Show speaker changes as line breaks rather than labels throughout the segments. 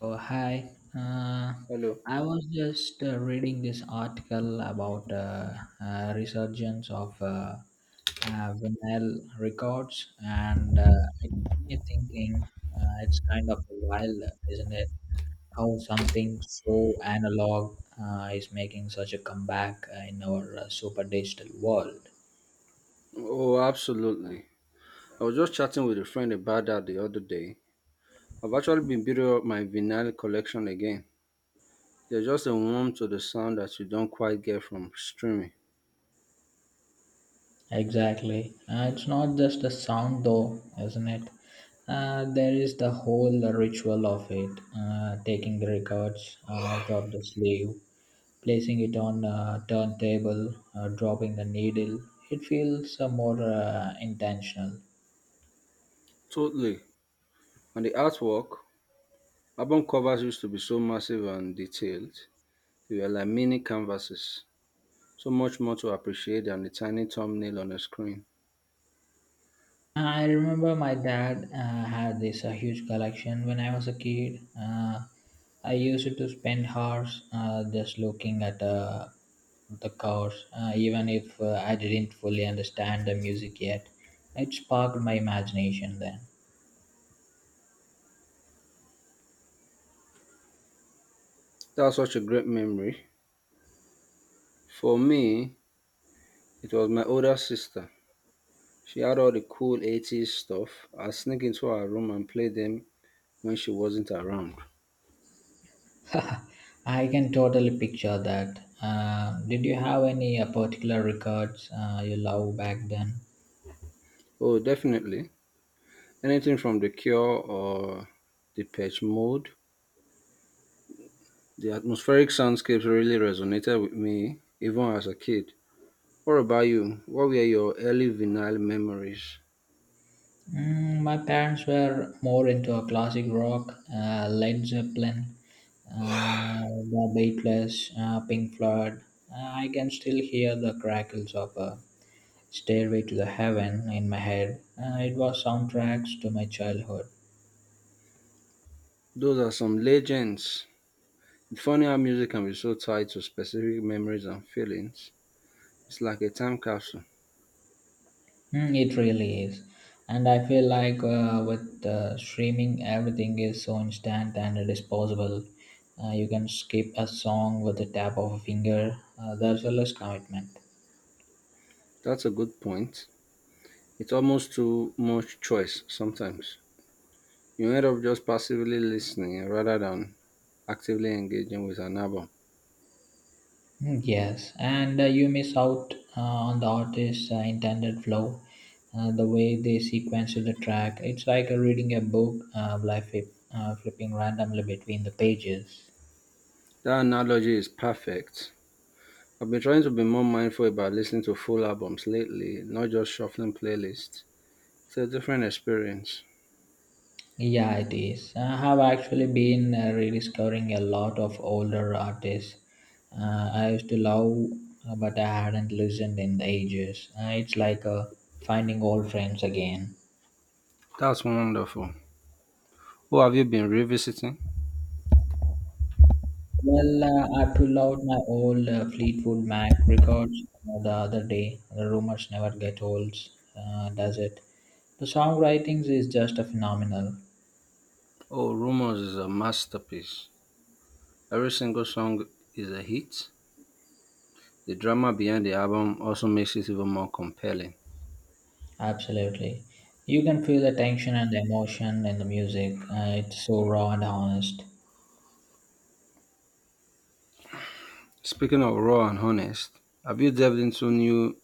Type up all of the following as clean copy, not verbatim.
Oh, hi. Uh,
Hello.
I was just reading this article about resurgence of vinyl records, and it got me thinking it's kind of wild, isn't it? How something so analog is making such a comeback in our super digital world.
Oh, absolutely. I was just chatting with a friend about that the other day. I've actually been building up my vinyl collection again. There's just a warmth to the sound that you don't quite get from streaming.
Exactly. It's not just the sound, though, isn't it? There is the whole ritual of it taking the records out of the sleeve, placing it on a turntable, dropping the needle. It feels more intentional.
Totally. And the artwork, album covers used to be so massive and detailed. They were like mini canvases. So much more to appreciate than the tiny thumbnail on a screen.
I remember my dad had this huge collection when I was a kid. I used to spend hours just looking at the cars, even if I didn't fully understand the music yet. It sparked my imagination then.
That's such a great memory. For me, it was my older sister. She had all the cool 80's stuff. I'd sneak into her room and play them when she wasn't around.
I can totally picture that. Did you have any particular records you love back then?
Oh, definitely. Anything from The Cure or the Patch Mode. The atmospheric soundscapes really resonated with me, even as a kid. What about you? What were your early vinyl memories?
My parents were more into a classic rock, Led Zeppelin, the Beatles, Pink Floyd. I can still hear the crackles of a Stairway to the Heaven in my head. It was soundtracks to my childhood.
Those are some legends. It's funny how music can be so tied to specific memories and feelings. It's like a time capsule.
It really is. And I feel like with streaming, everything is so instant and disposable. You can skip a song with the tap of a finger. There's a less commitment.
That's a good point. It's almost too much choice sometimes. You end up just passively listening rather than actively engaging with an album.
Yes, and you miss out on the artist's intended flow, the way they sequence the track. It's like reading a book, flipping randomly between the pages.
That analogy is perfect. I've been trying to be more mindful about listening to full albums lately, not just shuffling playlists. It's a different experience.
Yeah, it is. I have actually been rediscovering a lot of older artists I used to love, but I hadn't listened in ages. It's like finding old friends again.
That's wonderful. Who have you been revisiting?
Well, I pulled out my old Fleetwood Mac records the other day. The rumors never get old, does it? The songwriting is just a phenomenal.
Oh, Rumors is a masterpiece. Every single song is a hit. The drama behind the album also makes it even more compelling.
Absolutely. You can feel the tension and the emotion in the music. It's so raw and honest.
Speaking of raw and honest, have you delved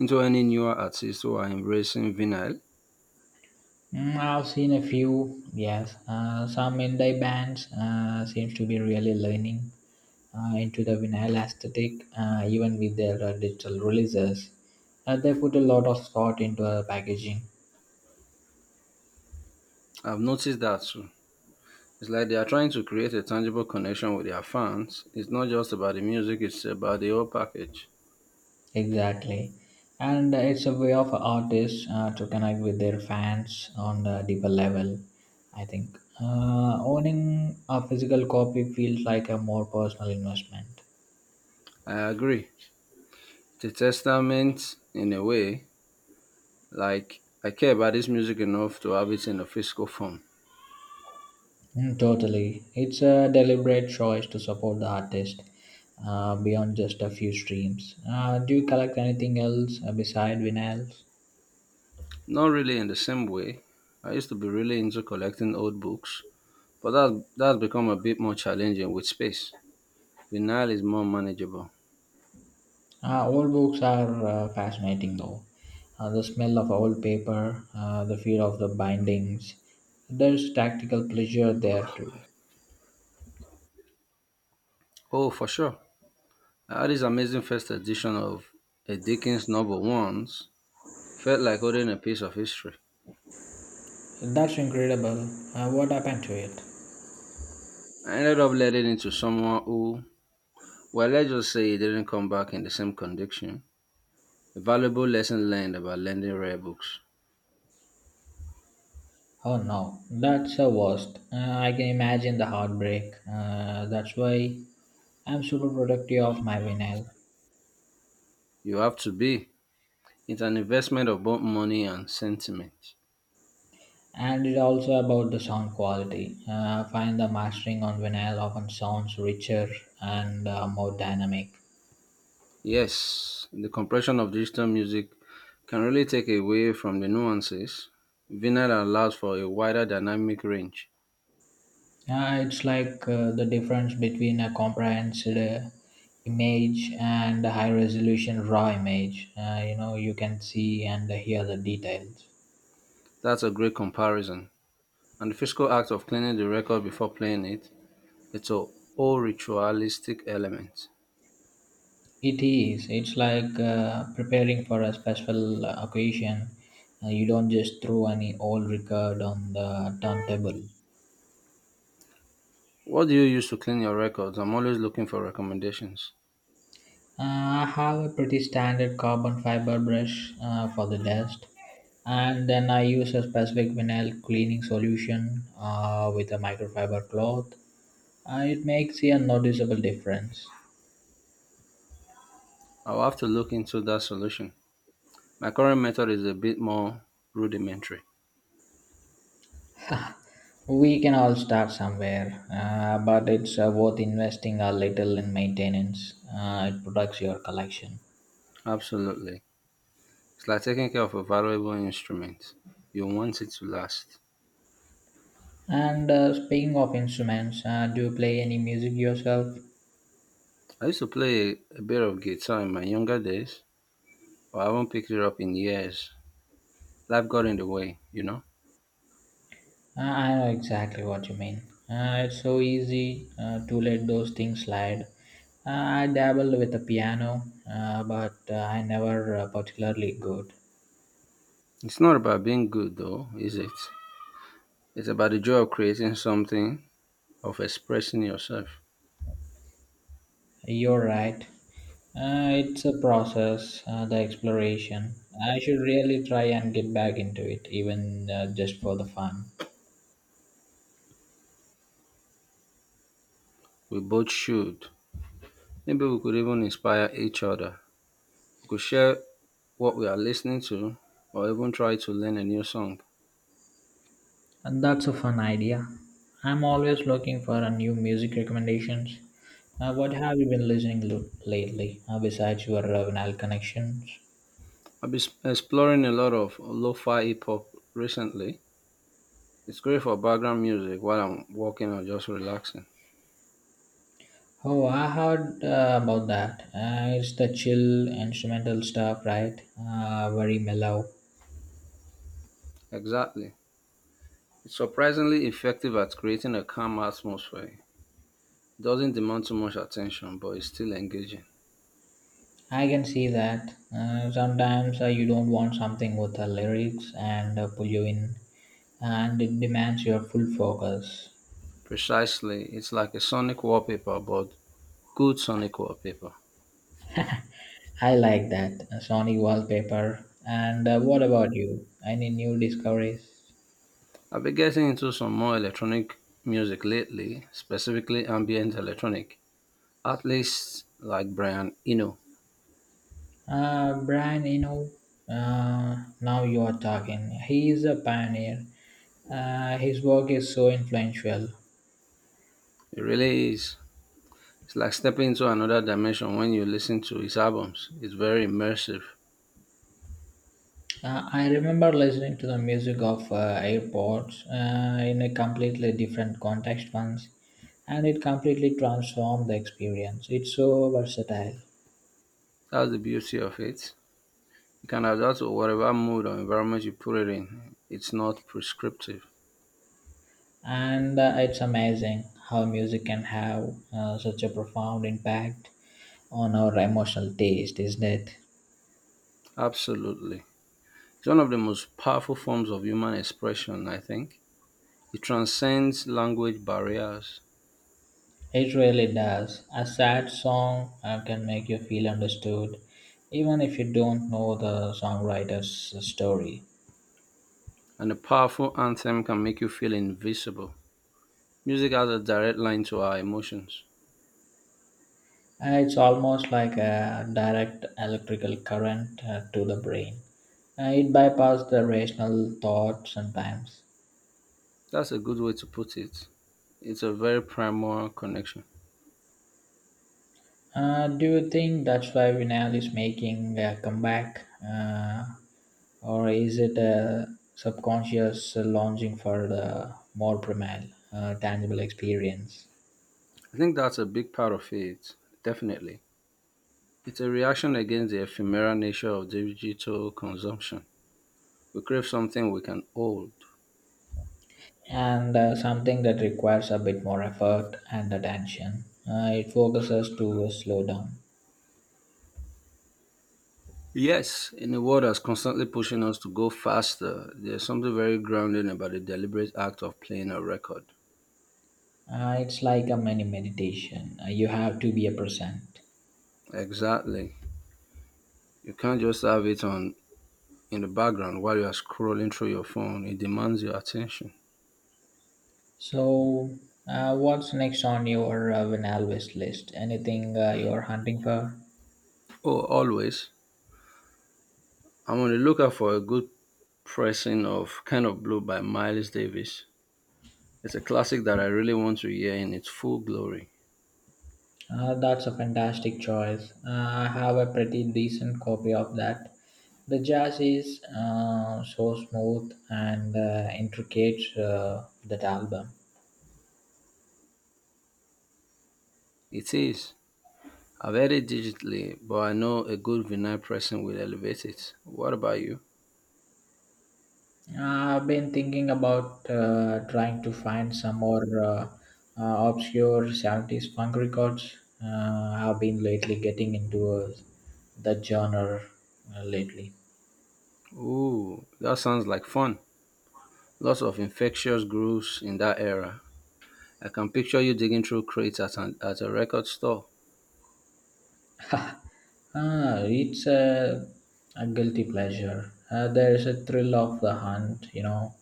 into any newer artists who are embracing vinyl.
I've seen a few, yes. Some indie bands seems to be really leaning into the vinyl aesthetic, even with their digital releases. They put a lot of thought into packaging,
I've noticed that too. It's like they are trying to create a tangible connection with their fans. It's not just about the music, it's about the whole package.
exactly, and it's a way of artists to connect with their fans on a deeper level. I think owning a physical copy feels like a more personal investment.
I agree. It's a testament in a way, like I care about this music enough to have it in a physical form.
Totally. It's a deliberate choice to support the artist beyond just a few streams. Do you collect anything else beside vinyls?
Not really in the same way. I used to be really into collecting old books, but that's become a bit more challenging with space. Vinyl is more manageable.
Old books are fascinating though. The smell of old paper, the feel of the bindings. There's tactical pleasure there too.
Oh, for sure. I had this amazing first edition of a Dickens novel once felt like holding a piece of history.
That's incredible. What happened to it?
I ended up letting it to someone who, well, let's just say he didn't come back in the same condition. A valuable lesson learned about lending rare books.
Oh no, that's the worst. I can imagine the heartbreak. That's why I'm super protective of my vinyl.
You have to be. It's an investment of both money and sentiment.
And it also about the sound quality. I find the mastering on vinyl often sounds richer and more dynamic.
Yes, the compression of digital music can really take away from the nuances. Vinyl allows for a wider dynamic range.
It's like the difference between a comprehensive image and a high resolution raw image. You can see and hear the details.
That's a great comparison. And the physical act of cleaning the record before playing it, it's a whole ritualistic element.
It is. It's like preparing for a special occasion. You don't just throw any old record on the turntable.
What do you use to clean your records? I'm always looking for recommendations.
I have a pretty standard carbon fiber brush for the dust, and then I use a specific vinyl cleaning solution with a microfiber cloth. It makes a noticeable difference.
I'll have to look into that solution. My current method is a bit more rudimentary.
We can all start somewhere, but it's worth investing a little in maintenance. It protects your collection.
Absolutely. It's like taking care of a valuable instrument. You want it to last.
And speaking of instruments, do you play any music yourself?
I used to play a bit of guitar in my younger days, but I haven't picked it up in years. Life got in the way, you know?
I know exactly what you mean. It's so easy to let those things slide. I dabbled with the piano, but I never particularly good.
It's not about being good though, is it? It's about the joy of creating something, of expressing yourself.
You're right. It's a process, the exploration. I should really try and get back into it, even just for the fun.
We both should. Maybe we could even inspire each other. We could share what we are listening to or even try to learn a new song.
And that's a fun idea. I'm always looking for a new music recommendations. What have you been listening to lately, besides your vinyl connections?
I've been exploring a lot of lo fi hip hop recently. It's great for background music while I'm walking or just relaxing.
Oh, I heard about that. It's the chill instrumental stuff, right? Very mellow.
Exactly. It's surprisingly effective at creating a calm atmosphere. It doesn't demand too much attention, but it's still engaging.
I can see that. Sometimes you don't want something with lyrics and pull you in, and it demands your full focus.
Precisely, it's like a sonic wallpaper, but good sonic wallpaper.
I like that. Sony wallpaper. And what about you? Any new discoveries?
I've been getting into some more electronic music lately, specifically ambient electronic. Artists like Brian Eno.
Brian, now you are talking. He is a pioneer. His work is so influential.
It really is. It's like stepping into another dimension when you listen to his albums. It's very immersive.
I remember listening to the music of AirPods in a completely different context once, and it completely transformed the experience. It's so versatile,
That's the beauty of it. You can adapt to whatever mood or environment you put it in. It's not prescriptive.
and it's amazing how music can have such a profound impact on our emotional taste, isn't it?
Absolutely. It's one of the most powerful forms of human expression, I think. It transcends language barriers.
It really does. A sad song can make you feel understood, even if you don't know the songwriter's story.
And a powerful anthem can make you feel invisible. Music has a direct line to our emotions.
It's almost like a direct electrical current to the brain. It bypasses the rational thought sometimes.
That's a good way to put it. It's a very primal connection.
Do you think that's why Vinal is making a comeback? Or is it a subconscious longing for the more primal, tangible experience?
I think that's a big part of it, definitely. It's a reaction against the ephemeral nature of digital consumption. We crave something we can hold.
And something that requires a bit more effort and attention. It focuses to slow down.
Yes, in a world that's constantly pushing us to go faster, there's something very grounding about the deliberate act of playing a record.
It's like a mini meditation. You have to be a present.
Exactly. You can't just have it on in the background while you are scrolling through your phone. It demands your attention.
So, what's next on your Win Always list? Anything you're hunting for?
Oh, always. I'm on the lookout for a good pressing of Kind of Blue by Miles Davis. It's a classic that I really want to hear in its full glory.
That's a fantastic choice. I have a pretty decent copy of that. The jazz is so smooth and intricate, that album.
It is. I've heard it digitally, but I know a good vinyl pressing will elevate it. What about you?
I've been thinking about trying to find some more obscure 70s funk records. I've been lately getting into that genre lately.
Ooh, that sounds like fun. Lots of infectious grooves in that era. I can picture you digging through crates at a record store.
Ah, it's a guilty pleasure. There is a thrill of the hunt,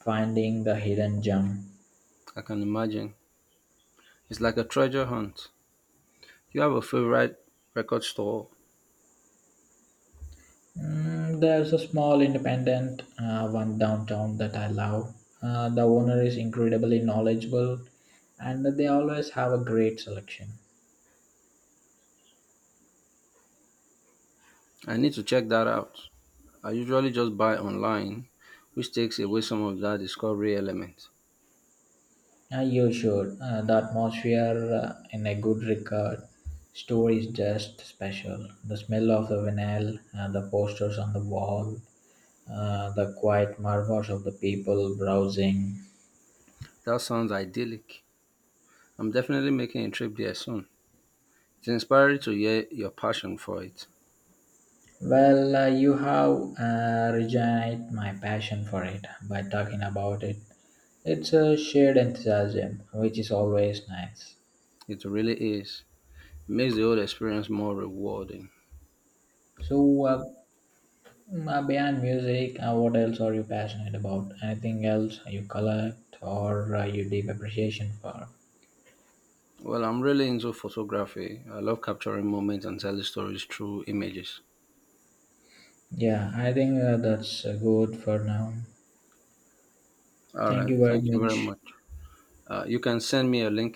finding the hidden gem.
I can imagine. It's like a treasure hunt. Do you have a favorite record store?
There's a small independent one downtown that I love. The owner is incredibly knowledgeable and they always have a great selection.
I need to check that out. I usually just buy online, which takes away some of that discovery element.
You should. The atmosphere in a good record store is just special. The smell of the vinyl, the posters on the wall, the quiet murmurs of the people browsing.
That sounds idyllic. I'm definitely making a trip there soon. It's inspiring to hear your passion for it.
Well, you have reignited my passion for it by talking about it. It's a shared enthusiasm, which is always nice.
It really is. It makes the whole experience more rewarding.
So, beyond music, what else are you passionate about? Anything else you collect or you deep appreciation for?
Well, I'm really into photography. I love capturing moments and telling stories through images.
Yeah, I think that's good for now.
All
Thank
right,
you very
thank you very
much.
much. You can send me a link